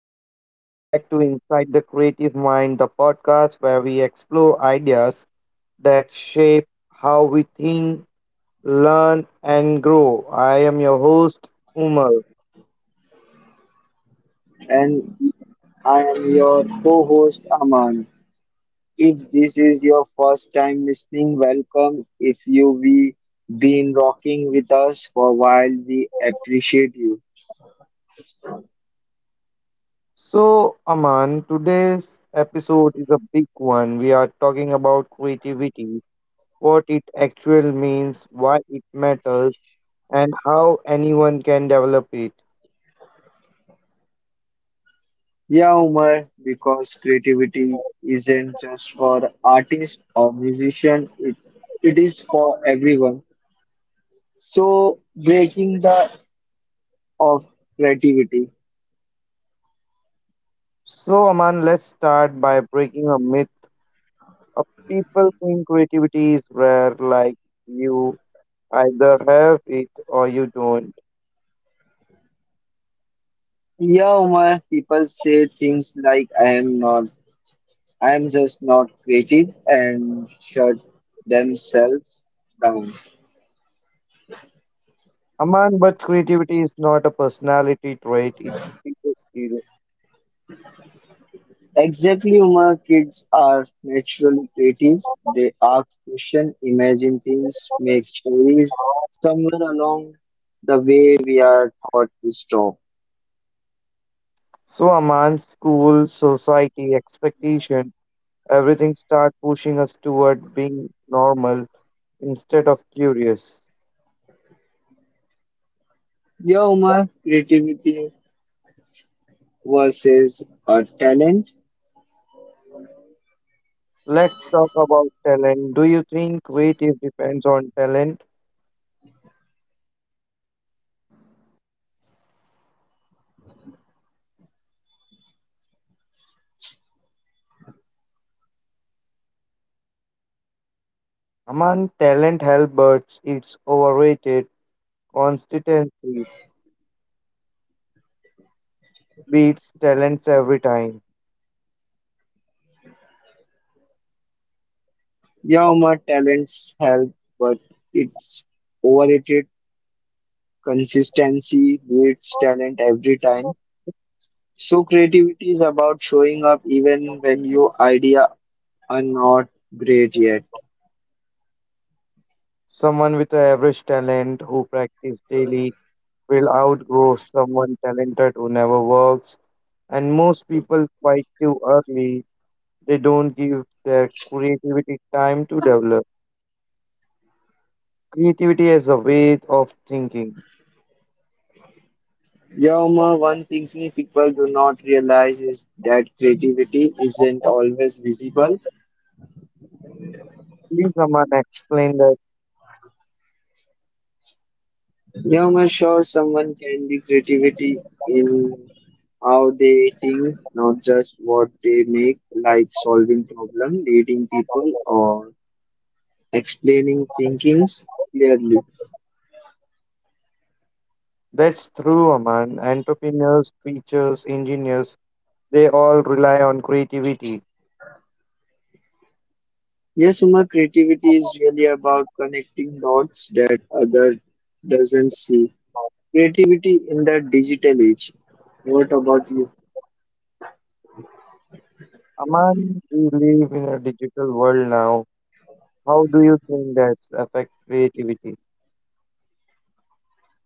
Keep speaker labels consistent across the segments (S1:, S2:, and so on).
S1: everyone? Welcome back to Inside the Creative Mind, the podcast where we explore ideas that shape how we think, learn, and grow. I am your host, Umar.
S2: And I am your co host Aman. If this is your first time listening, welcome. If you be been rocking with us for a while, we appreciate you.
S1: So, Aman, today's episode is a big one. We are talking about creativity, what it actually means, why it matters, and how anyone can develop it.
S2: Yeah, Umar, because creativity isn't just for artists or musicians, it is for everyone. So, breaking the of creativity.
S1: So, Aman, let's start by breaking a myth. Uh, People think creativity is rare, like you either have it or you don't.
S2: Yeah, Umar, people say things like I'm just not creative and shut themselves down.
S1: Aman, but creativity is not a personality trait, it is a skill.
S2: Exactly, Uma, kids are naturally creative. They ask questions, imagine things, make stories. Somewhere along the way, we are taught to stop.
S1: So, Aman, school, society, expectation, everything start pushing us toward being normal instead of curious.
S2: Yeah, Uma, creativity versus a talent.
S1: Let's talk about talent. Do you think creative depends on talent? Aman, talent help, but it's overrated. Consistency beats talents every time.
S2: Yamaha talents help, but its overrated consistency beats talent every time. So creativity is about showing up even when your idea are not great yet.
S1: Someone with average talent who practice daily will outgrow someone talented who never works. And most people quit too early. They don't give their creativity time to develop. Creativity is a way of thinking.
S2: Yamaha, one thing people do not realize is that creativity isn't always visible.
S1: Please, Aman, explain that.
S2: Yeah, man, sure, someone can be creativity in how they think, not just what they make, like solving problem, leading people, or explaining thinkings clearly.
S1: That's true, Aman. Entrepreneurs, teachers, engineers, they all rely on creativity.
S2: Yes, Uma, creativity is really about connecting dots that other doesn't see. Creativity in the digital age. What about you?
S1: Aman, we live in a digital world now. How do you think that affects creativity?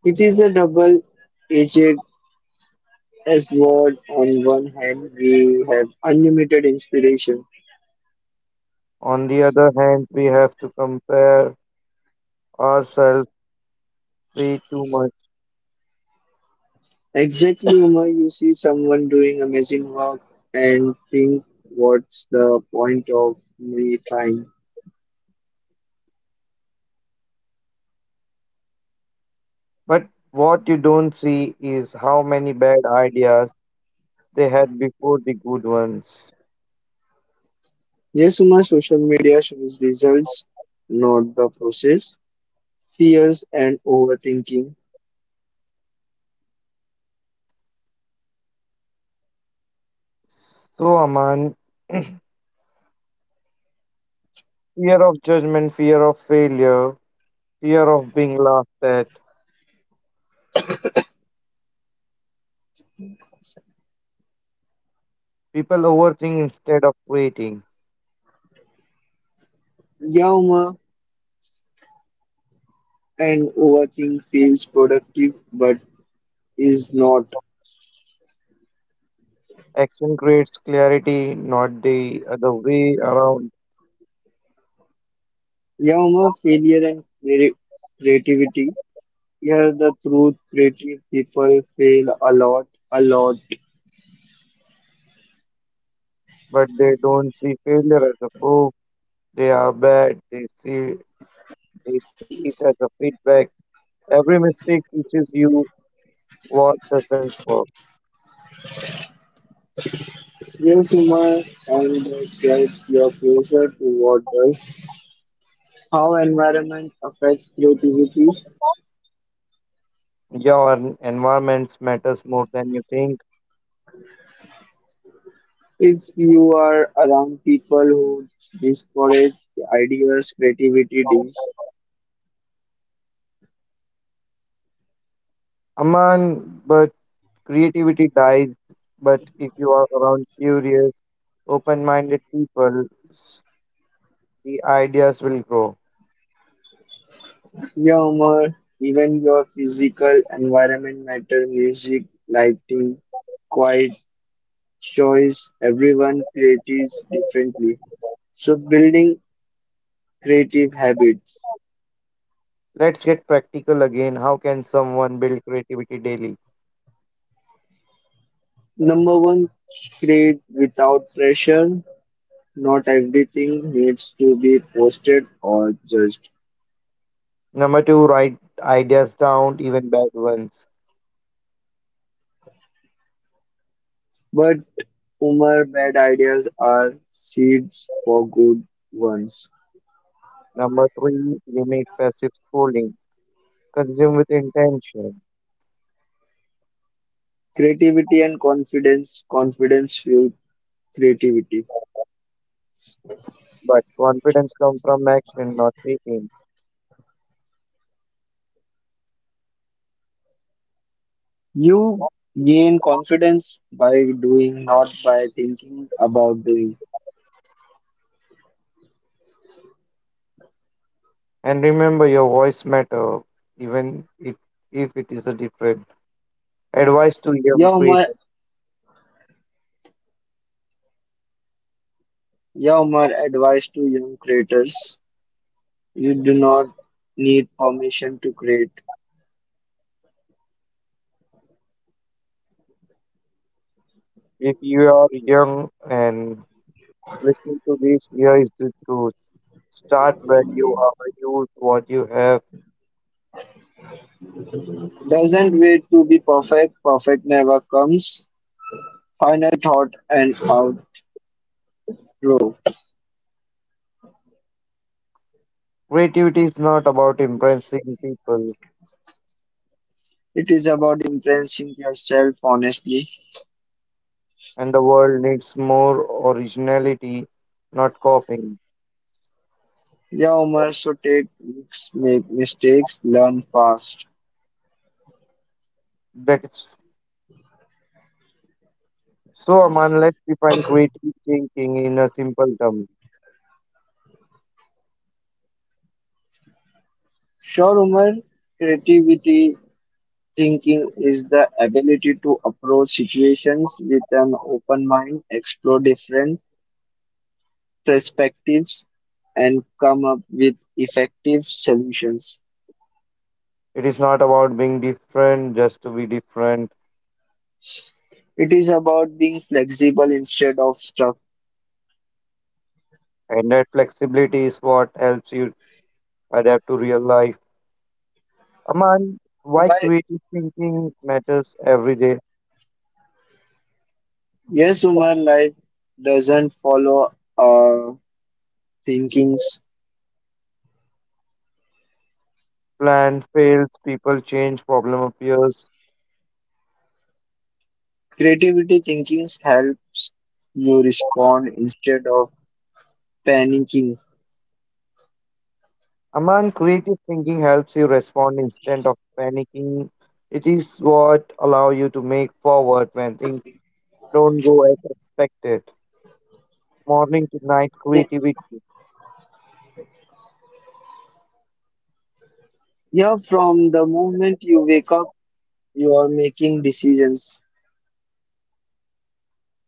S2: It is a double-edged sword. On one hand, we have unlimited inspiration.
S1: On the other hand, we have to compare ourselves way too much.
S2: Exactly, Uma. You see someone doing amazing work and think, what's the point of me trying?
S1: But what you don't see is how many bad ideas they had before the good ones.
S2: Yes, Uma, social media shows results, not the process, fears, and overthinking.
S1: So, Aman, fear of judgment, fear of failure, fear of being laughed at. People overthink instead of creating.
S2: Yeah, Uma, and overthink feels productive but is not.
S1: Action creates clarity, not the other way around.
S2: Yeah, Uma, failure and creativity. Yeah, the truth, creative people fail a lot, a lot.
S1: But they don't see failure as a proof they are bad. They see it as a feedback. Every mistake teaches you what doesn't work.
S2: Use humor and get your pleasure toward us. How environment affects creativity.
S1: Your environment matters more than you think.
S2: If you are around people who discourage ideas, creativity dies.
S1: Aman, but creativity dies. But if you are around curious, open-minded people, the ideas will grow.
S2: Your humor, even your physical environment matter. Music, lighting, quiet, choice. Everyone creates differently. So building creative habits.
S1: Let's get practical again. How can someone build creativity daily?
S2: Number one, create without pressure. Not everything needs to be posted or judged,
S1: Number two, write ideas down, even bad ones.
S2: but Umar, bad ideas are seeds for good ones.
S1: Number three, limit passive scrolling. Consume with intention.
S2: Creativity and confidence. Confidence fuels creativity.
S1: But confidence comes from action, not thinking.
S2: You gain confidence by doing, not by thinking about doing.
S1: And remember, your voice matter, even if it is a different. Advice to
S2: Yeah,
S1: young
S2: Umar,
S1: creators:
S2: yeah, Umar, advice to young creators. You do not need permission to create.
S1: if you are young and listening to this, here is the truth. Start where you are. Use what you have.
S2: Doesn't wait to be perfect. Perfect never comes. Final thought and outro.
S1: Creativity is not about impressing people,
S2: It is about impressing yourself honestly.
S1: and the world needs more originality, not copying.
S2: Yeah, Umar, so take risks, make mistakes, learn fast.
S1: That's... So, Aman, let's define creative thinking in a simple term.
S2: Sure, Umar, creativity thinking is the ability to approach situations with an open mind, explore different perspectives, and come up with effective solutions.
S1: It is not about being different just to be different,
S2: It is about being flexible instead of stuck.
S1: and that flexibility is what helps you adapt to real life. Aman, why
S2: Why
S1: creative thinking matters every day?
S2: yes, human life doesn't follow our thinkings.
S1: Plan fails, people change, problem appears.
S2: Creativity thinkings helps you respond instead of panicking.
S1: Aman, creative thinking helps you respond instead of panicking. It is what allow you to make forward when things don't go as expected. Morning to night
S2: Y-
S1: creativity.
S2: Yeah, from the moment you wake up, you are making decisions.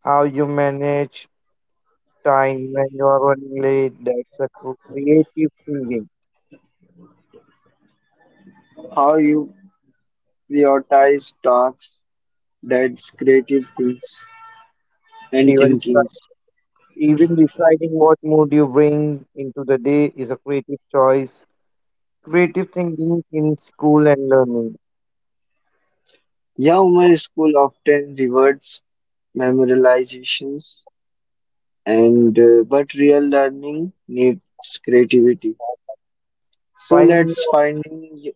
S1: How you manage time when you are running late, that's a creative thinking.
S2: How you prioritize tasks, that's creative things and
S1: Even,
S2: thinkings.
S1: even deciding what mood you bring into the day is a creative choice. Creative thinking in school and learning.
S2: Yeah, human school often rewards memorizations and but real learning needs creativity. So
S1: Finding
S2: let's
S1: your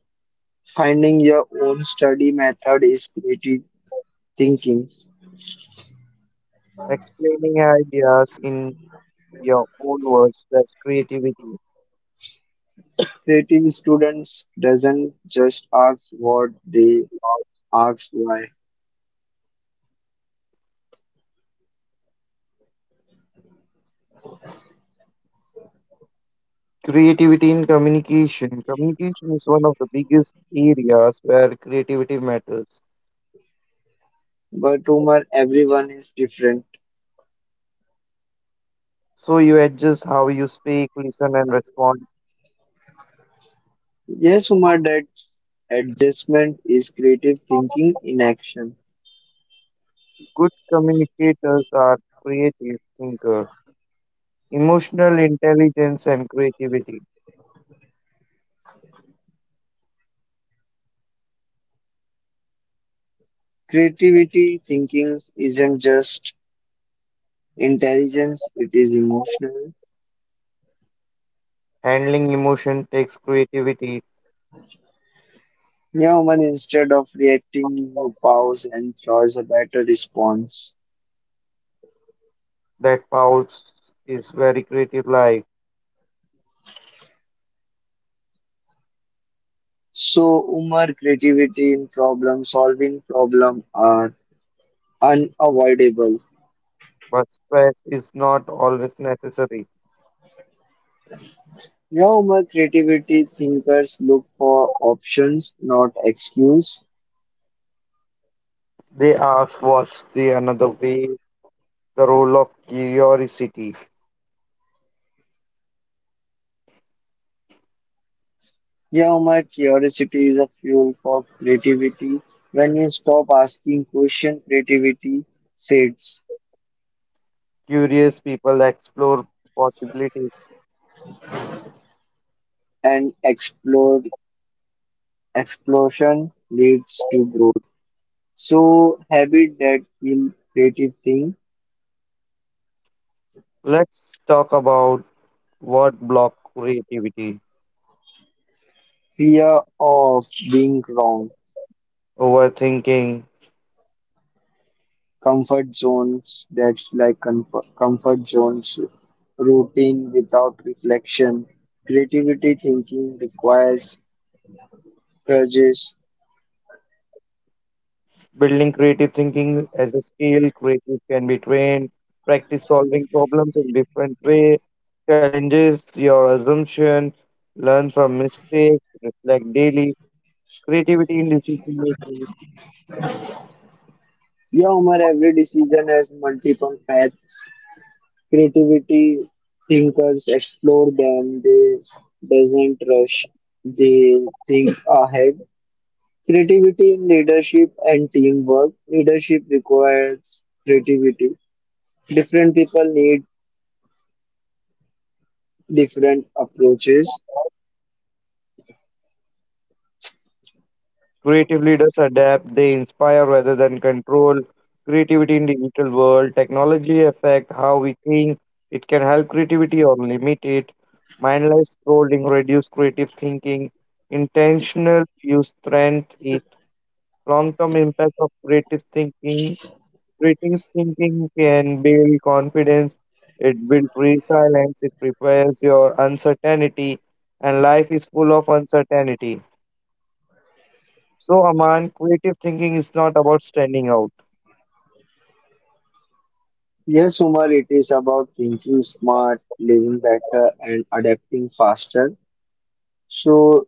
S2: finding your own study method is creative thinking.
S1: explaining ideas in your own words, that's creativity.
S2: Creative students doesn't just ask what they ask why.
S1: Creativity in communication. Communication is one of the biggest areas where creativity matters,
S2: But Umar, everyone is different.
S1: so you adjust how you speak, listen, and respond.
S2: Yes, Umar, that's adjustment is creative thinking in action.
S1: Good communicators are creative thinkers. Emotional intelligence and creativity.
S2: Creativity thinking isn't just intelligence, it is emotional.
S1: Handling emotion takes creativity.
S2: Yeah, Umar, instead of reacting, you pause and choose a better response.
S1: That pause is very creative life.
S2: So humor, creativity, in problem-solving problem are unavoidable.
S1: But stress is not always necessary.
S2: Yeah, humor, creativity, thinkers look for options, not excuse.
S1: They ask what's the another way, the role of curiosity.
S2: Yeah, humor, curiosity is a fuel for creativity. When you stop asking question, creativity fades,
S1: Curious people explore possibilities.
S2: and explode explosion leads to growth. So habit that kill creative thing,
S1: Let's talk about what block creativity.
S2: fear of being wrong.
S1: Overthinking,
S2: Comfort zones, that's like comfort zones, routine without reflection. Creativity thinking requires purges.
S1: building creative thinking as a skill, creative can be trained, practice solving problems in different way, challenges your assumption, learn from mistakes, reflect daily, creativity in decision making.
S2: Yeah, Omar, every decision has multiple paths. Creativity thinkers explore them, they doesn't rush, they think ahead. Creativity in leadership and teamwork. Leadership requires creativity. Different people need different approaches.
S1: Creative leaders adapt, they inspire rather than control. Creativity in digital world, technology affect how we think. It can help creativity or limit it. Mindless scrolling reduce creative thinking. Intentional use strength. Long-term impact of creative thinking. Creative thinking can build confidence, it builds resilience, it prepares your uncertainty, and life is full of uncertainty. So, Aman, creative thinking is not about standing out.
S2: Yes, Umar, it is about thinking smart, living better, and adapting faster. So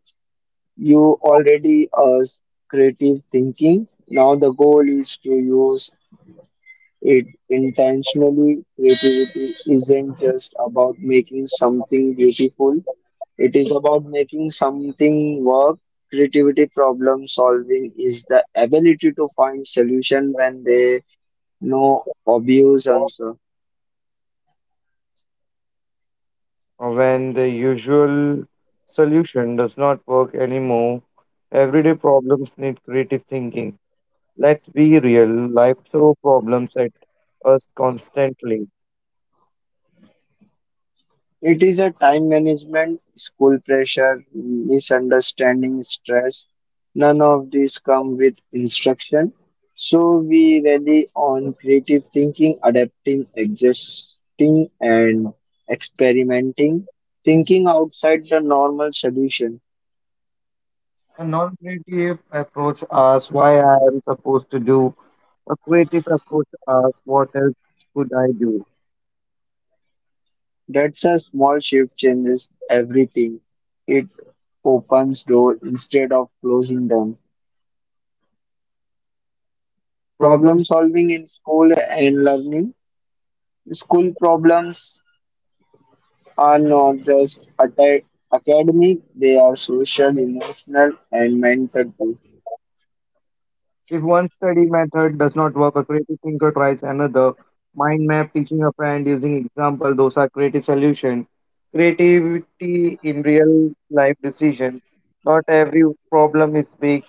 S2: you already are creative thinking. Now the goal is to use it intentionally. Creativity isn't just about making something beautiful. It is about making something work. Creativity problem solving is the ability to find solution when there no obvious answer.
S1: When the usual solution does not work anymore, everyday problems need creative thinking. Let's be real, life throws problems at us constantly.
S2: It is a time management, school pressure, misunderstanding, stress. None of these come with instruction. So we rely on creative thinking, adapting, adjusting, and experimenting, thinking outside the normal solution.
S1: A non-creative approach asks why I am supposed to do. A creative approach asks what else could I do.
S2: That's a small shift changes everything. It opens doors instead of closing them. Problem
S1: Problems.
S2: solving in school and learning. School problems are not just academic, they are social, emotional, and mental too.
S1: If one study method does not work, a creative thinker tries another. Mind map, teaching a friend, using example, those are creative solutions. Creativity in real life decision. Not every problem is big,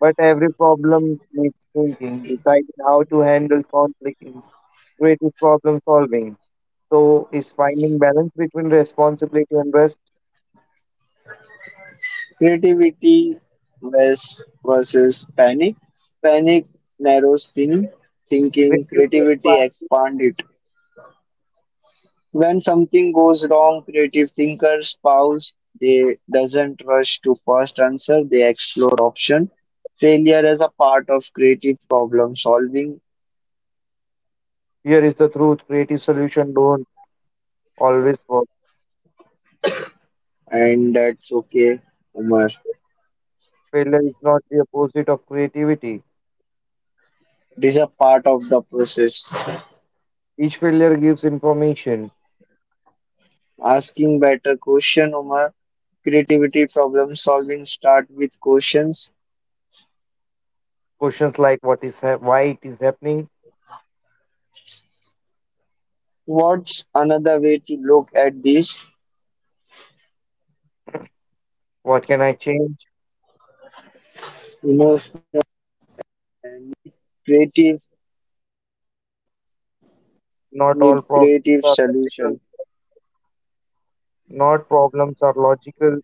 S1: but every problem needs thinking, deciding how to handle conflict is creative problem solving. So it's finding balance between responsibility and rest.
S2: Creativity versus panic. Panic narrows thinking,
S1: Creativity
S2: creativity
S1: expansion.
S2: expands it. When something goes wrong, creative thinkers pause. They doesn't rush to first answer. They explore option. Failure is a part of creative problem solving,
S1: Here is the truth. Creative solution don't always work.
S2: and that's okay, Umar.
S1: Failure is not the opposite of creativity.
S2: It is a part of the process.
S1: Each failure gives information.
S2: Asking better question, Umar. Creativity problem solving start with questions.
S1: Questions like what is hap why it is happening,
S2: What's another way to look at this?
S1: what can I change? Not all problems are logical. Not problems are logical.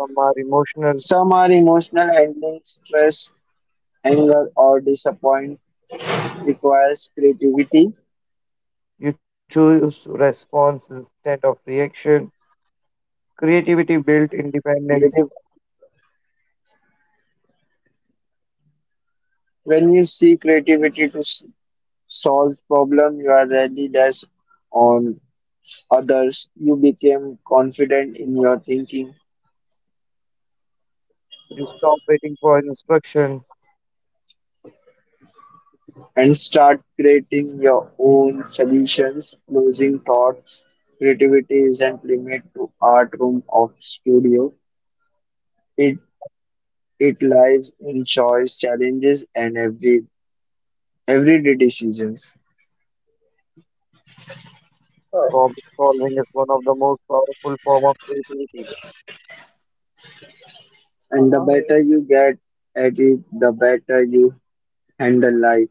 S1: Some are
S2: Some
S1: emotional.
S2: are emotional handling stress, anger, or disappointment requires creativity.
S1: You choose response instead of reaction. Creativity built
S2: Creative.
S1: independence.
S2: When you see creativity to solve problem, you are rarely less on others. You become confident in your thinking
S1: You stop waiting for instruction.
S2: and start creating your own solutions. Closing thoughts. Creativity isn't limited to art room of studio. It it lies in choice, challenges, and everyday decisions.
S1: Problem solving is one of the most powerful form of creativity.
S2: And the better you get at it, the better you handle life.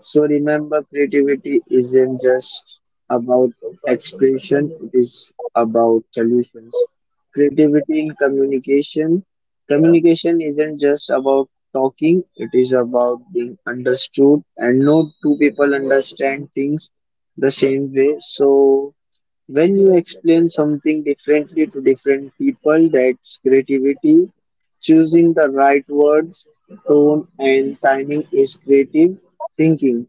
S2: So remember, creativity isn't just about expression, it is about solutions. Creativity in communication. Communication isn't just about talking, it is about being understood, and no two people understand things the same way. So when you explain something differently to different people, that's creativity. Choosing the right words, tone, and timing is creative thinking.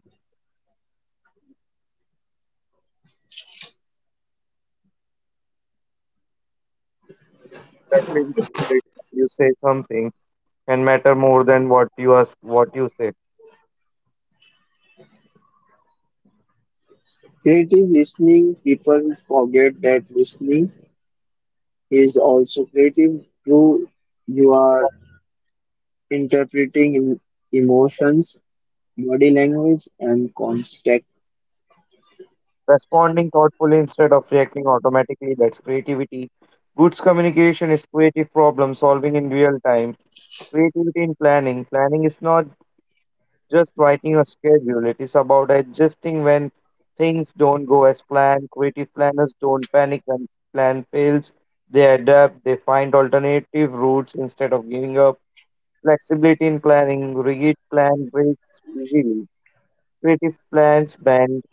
S1: Especially when you say something can matter more than what you are, what you said.
S2: Creative listening, people forget that listening is also creative. Through you are interpreting emotions, body language, and context.
S1: Responding thoughtfully instead of reacting automatically, that's creativity. Goods communication is creative problem solving in real time. Creativity in planning. Planning is not just writing a schedule. It is about adjusting when things don't go as planned. Creative planners don't panic when plan fails. They adapt, they find alternative routes instead of giving up. Flexibility in planning, rigid plan breaks easily. Creative plans bend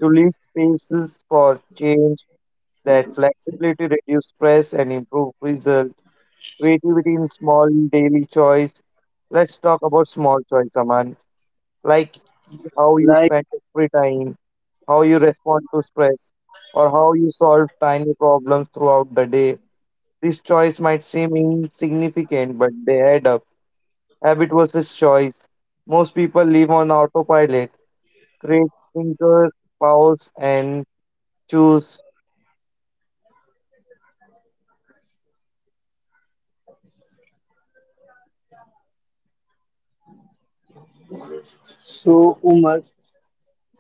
S1: to leave spaces for change. That flexibility reduces stress and improves results. Creativity in small daily choice. Let's talk about small choice, Aman, like how you
S2: Like
S1: spend your free time, how you respond to stress, or how you solve tiny problems throughout the day. This choice might seem insignificant, but they add up. Habit versus choice. Most people live on autopilot, create thinkers, pause, and choose.
S2: so, Umar,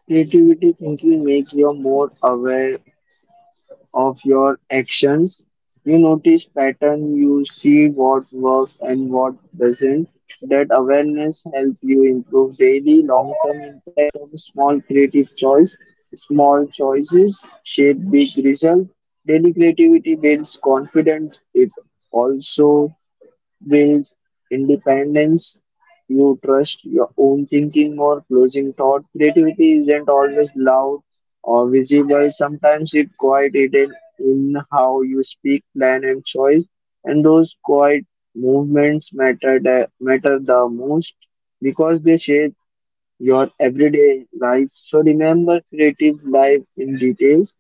S2: creativity thinking makes you more aware of your actions. You notice pattern, you see what works and what doesn't. That awareness help you improve daily long-term impact of small creative choice. Small choices shape big result. Daily creativity builds confidence. It also builds independence. You trust your own thinking more, closing thought. Creativity isn't always loud or visible. Sometimes it's quiet hidden in how you speak, plan, and choice. And those quiet movements matter the most because they shape your everyday life. So remember creative life in details.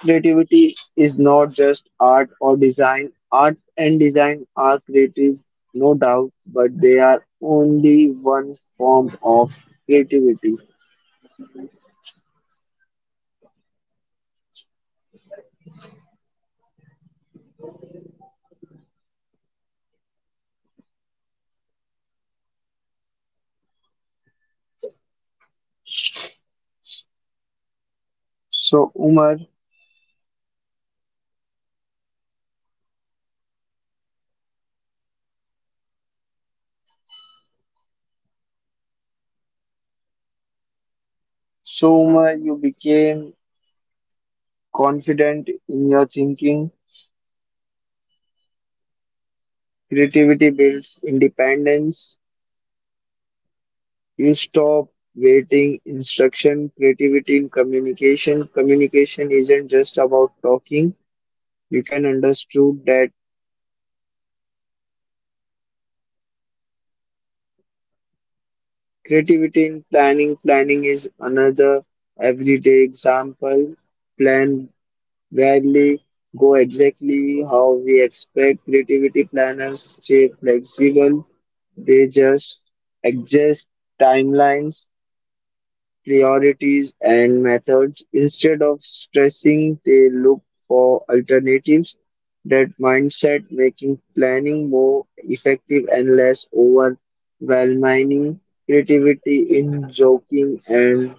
S2: Creativity is not just art or design. Art and design are creative, no doubt, but they are only one form of creativity. So, Umar, so Umar, you became confident in your thinking. Creativity builds independence. You stop waiting instruction. Creativity in communication. Communication isn't just about talking. You can understood that. Creativity in planning. Planning is another everyday example. Plan rarely go exactly how we expect. Creativity planners stay flexible. They just adjust timelines priorities and methods. Instead of stressing, they look for alternatives. That mindset making planning more effective and less overwhelming. Creativity in joking and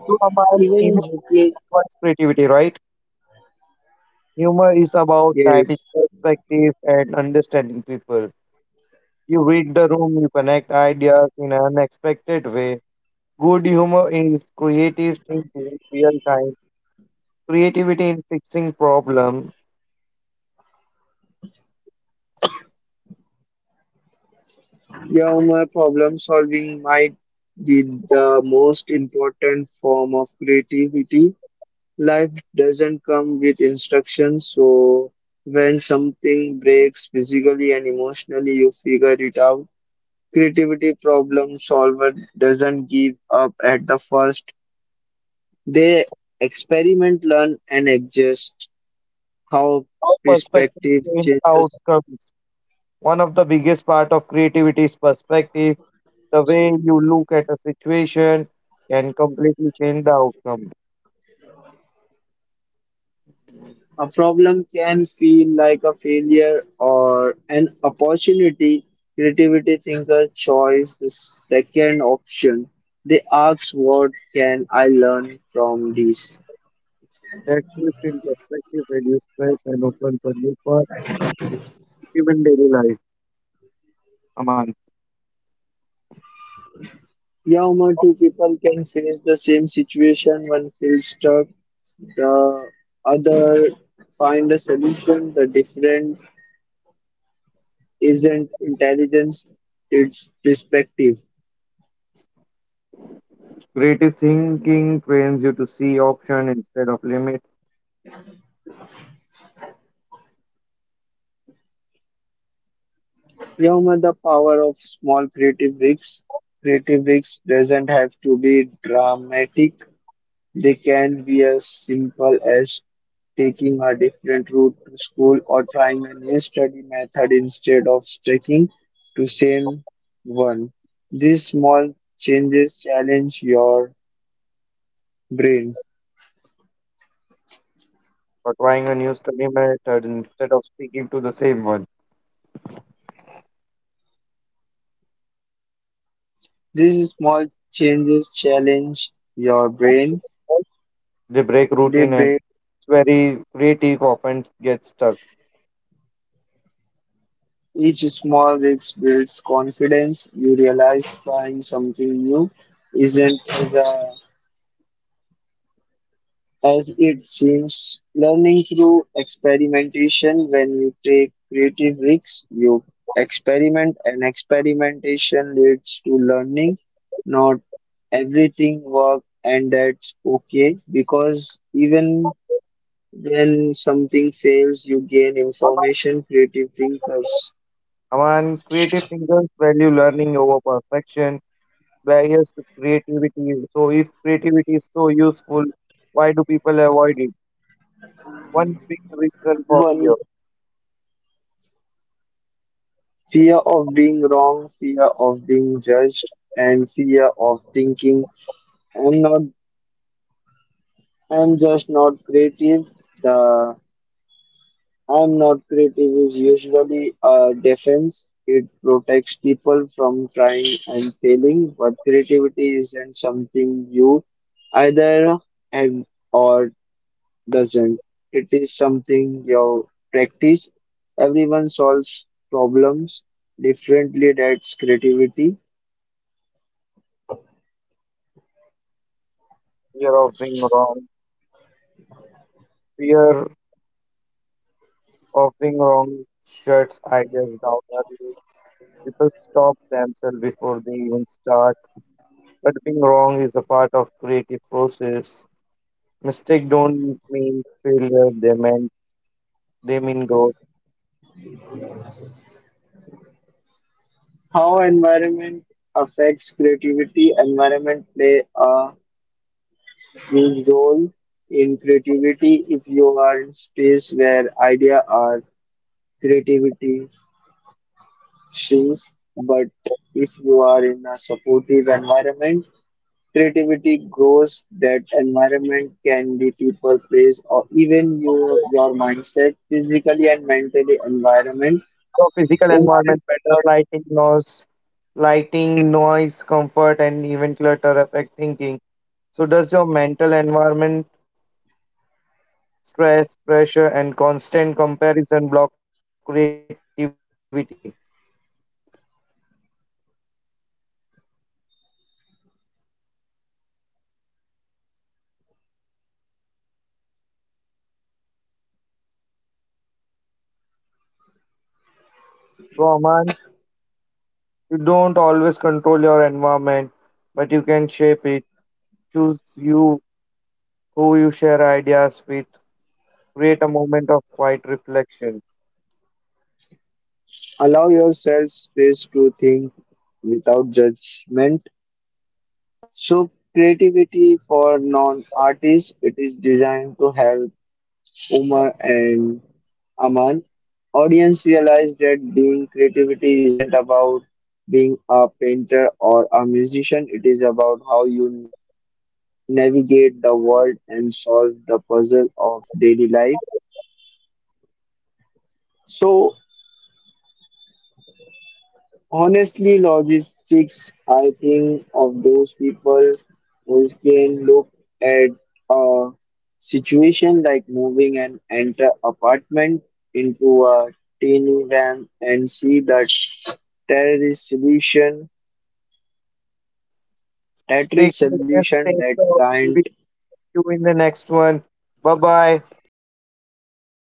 S1: So, Aman,
S2: even
S1: humor
S2: joking.
S1: requires creativity, right? Humor is about timing
S2: Yes,
S1: perspective and understanding people. You read the room, you connect ideas in an unexpected way. Good humor is creative thinking in real time, creativity in fixing problems,
S2: yeah, my problem solving might be the most important form of creativity. Life doesn't come with instructions, so when something breaks physically and emotionally, you figure it out. Creativity problem solver doesn't give up at the first. They experiment, learn, and adjust. How
S1: perspective
S2: perspective
S1: change
S2: changes.
S1: outcomes. One of the biggest part of creativity is perspective. The way you look at a situation can completely change the outcome.
S2: A problem can feel like a failure or an opportunity. Creativity thinkers choose the second option. They ask, what can I learn from this?
S1: That shift in perspective reduces stress and opens a new path even daily life. Aman,
S2: Yeah, Umar, two people can face the same situation. One feels stuck, the other find a solution. The different isn't intelligence, it's perspective.
S1: creative thinking trains you to see option instead of limit,
S2: Yoma, the power of small creative breaks. Creative breaks doesn't have to be dramatic. They can be as simple as taking a different route to school or trying a new study method instead of sticking to same one. These small changes challenge your brain.
S1: or trying a new study method instead of speaking to the same one.
S2: These small changes challenge your brain.
S1: They break
S2: They
S1: routine and
S2: break.
S1: it's very creative often gets stuck.
S2: Each small risk builds confidence. You realize trying something new isn't as it seems. Learning through experimentation, when you take creative risks, you experiment, and experimentation leads to learning. Not everything works, and that's okay because even when something fails, you gain information. Creative thinkers
S1: Among creative thinkers value learning over perfection, barriers to creativity. So if creativity is so useful, why do people avoid it? One big reason for fear.
S2: one fear of being wrong, fear of being judged, and fear of thinking I'm not I'm just not creative. The I'm not creative is usually a defense. It protects people from trying and failing, but creativity isn't something you either have or doesn't. It is something you practice. Everyone solves problems differently. That's creativity.
S1: Fear of being wrong. Fear of being wrong shuts ideas down early. People stop themselves before they even start. But being wrong is a part of creative process. Mistake don't mean failure, they mean growth.
S2: How environment affects creativity. Environment play a huge role in creativity. If you are in space where idea or creativity shrinks, but if you are in a supportive environment, creativity grows. That environment can be people, place, or even your mindset, physically and mentally environment.
S1: So physical
S2: Umar,
S1: environment, better
S2: your
S1: lighting, noise, comfort, and even clutter affect thinking. So does your mental environment, stress, pressure, and constant comparison block creativity? So Aman, you don't always control your environment, but you can shape it. Choose you who you share ideas with. Create a moment of quiet reflection.
S2: allow yourself space to think without judgment. So, creativity for non artists, it is designed to help Umar and Aman audience realize that being creativity isn't about being a painter or a musician it is about how you navigate the world and solve the puzzle of daily life so honestly, logistics, I think of those people who can look at a situation like moving an entire apartment into a teeny van and see that there is
S1: Stay
S2: solution
S1: curious,
S2: that
S1: stay
S2: can't
S1: strong. We will see you in the next one. Bye bye.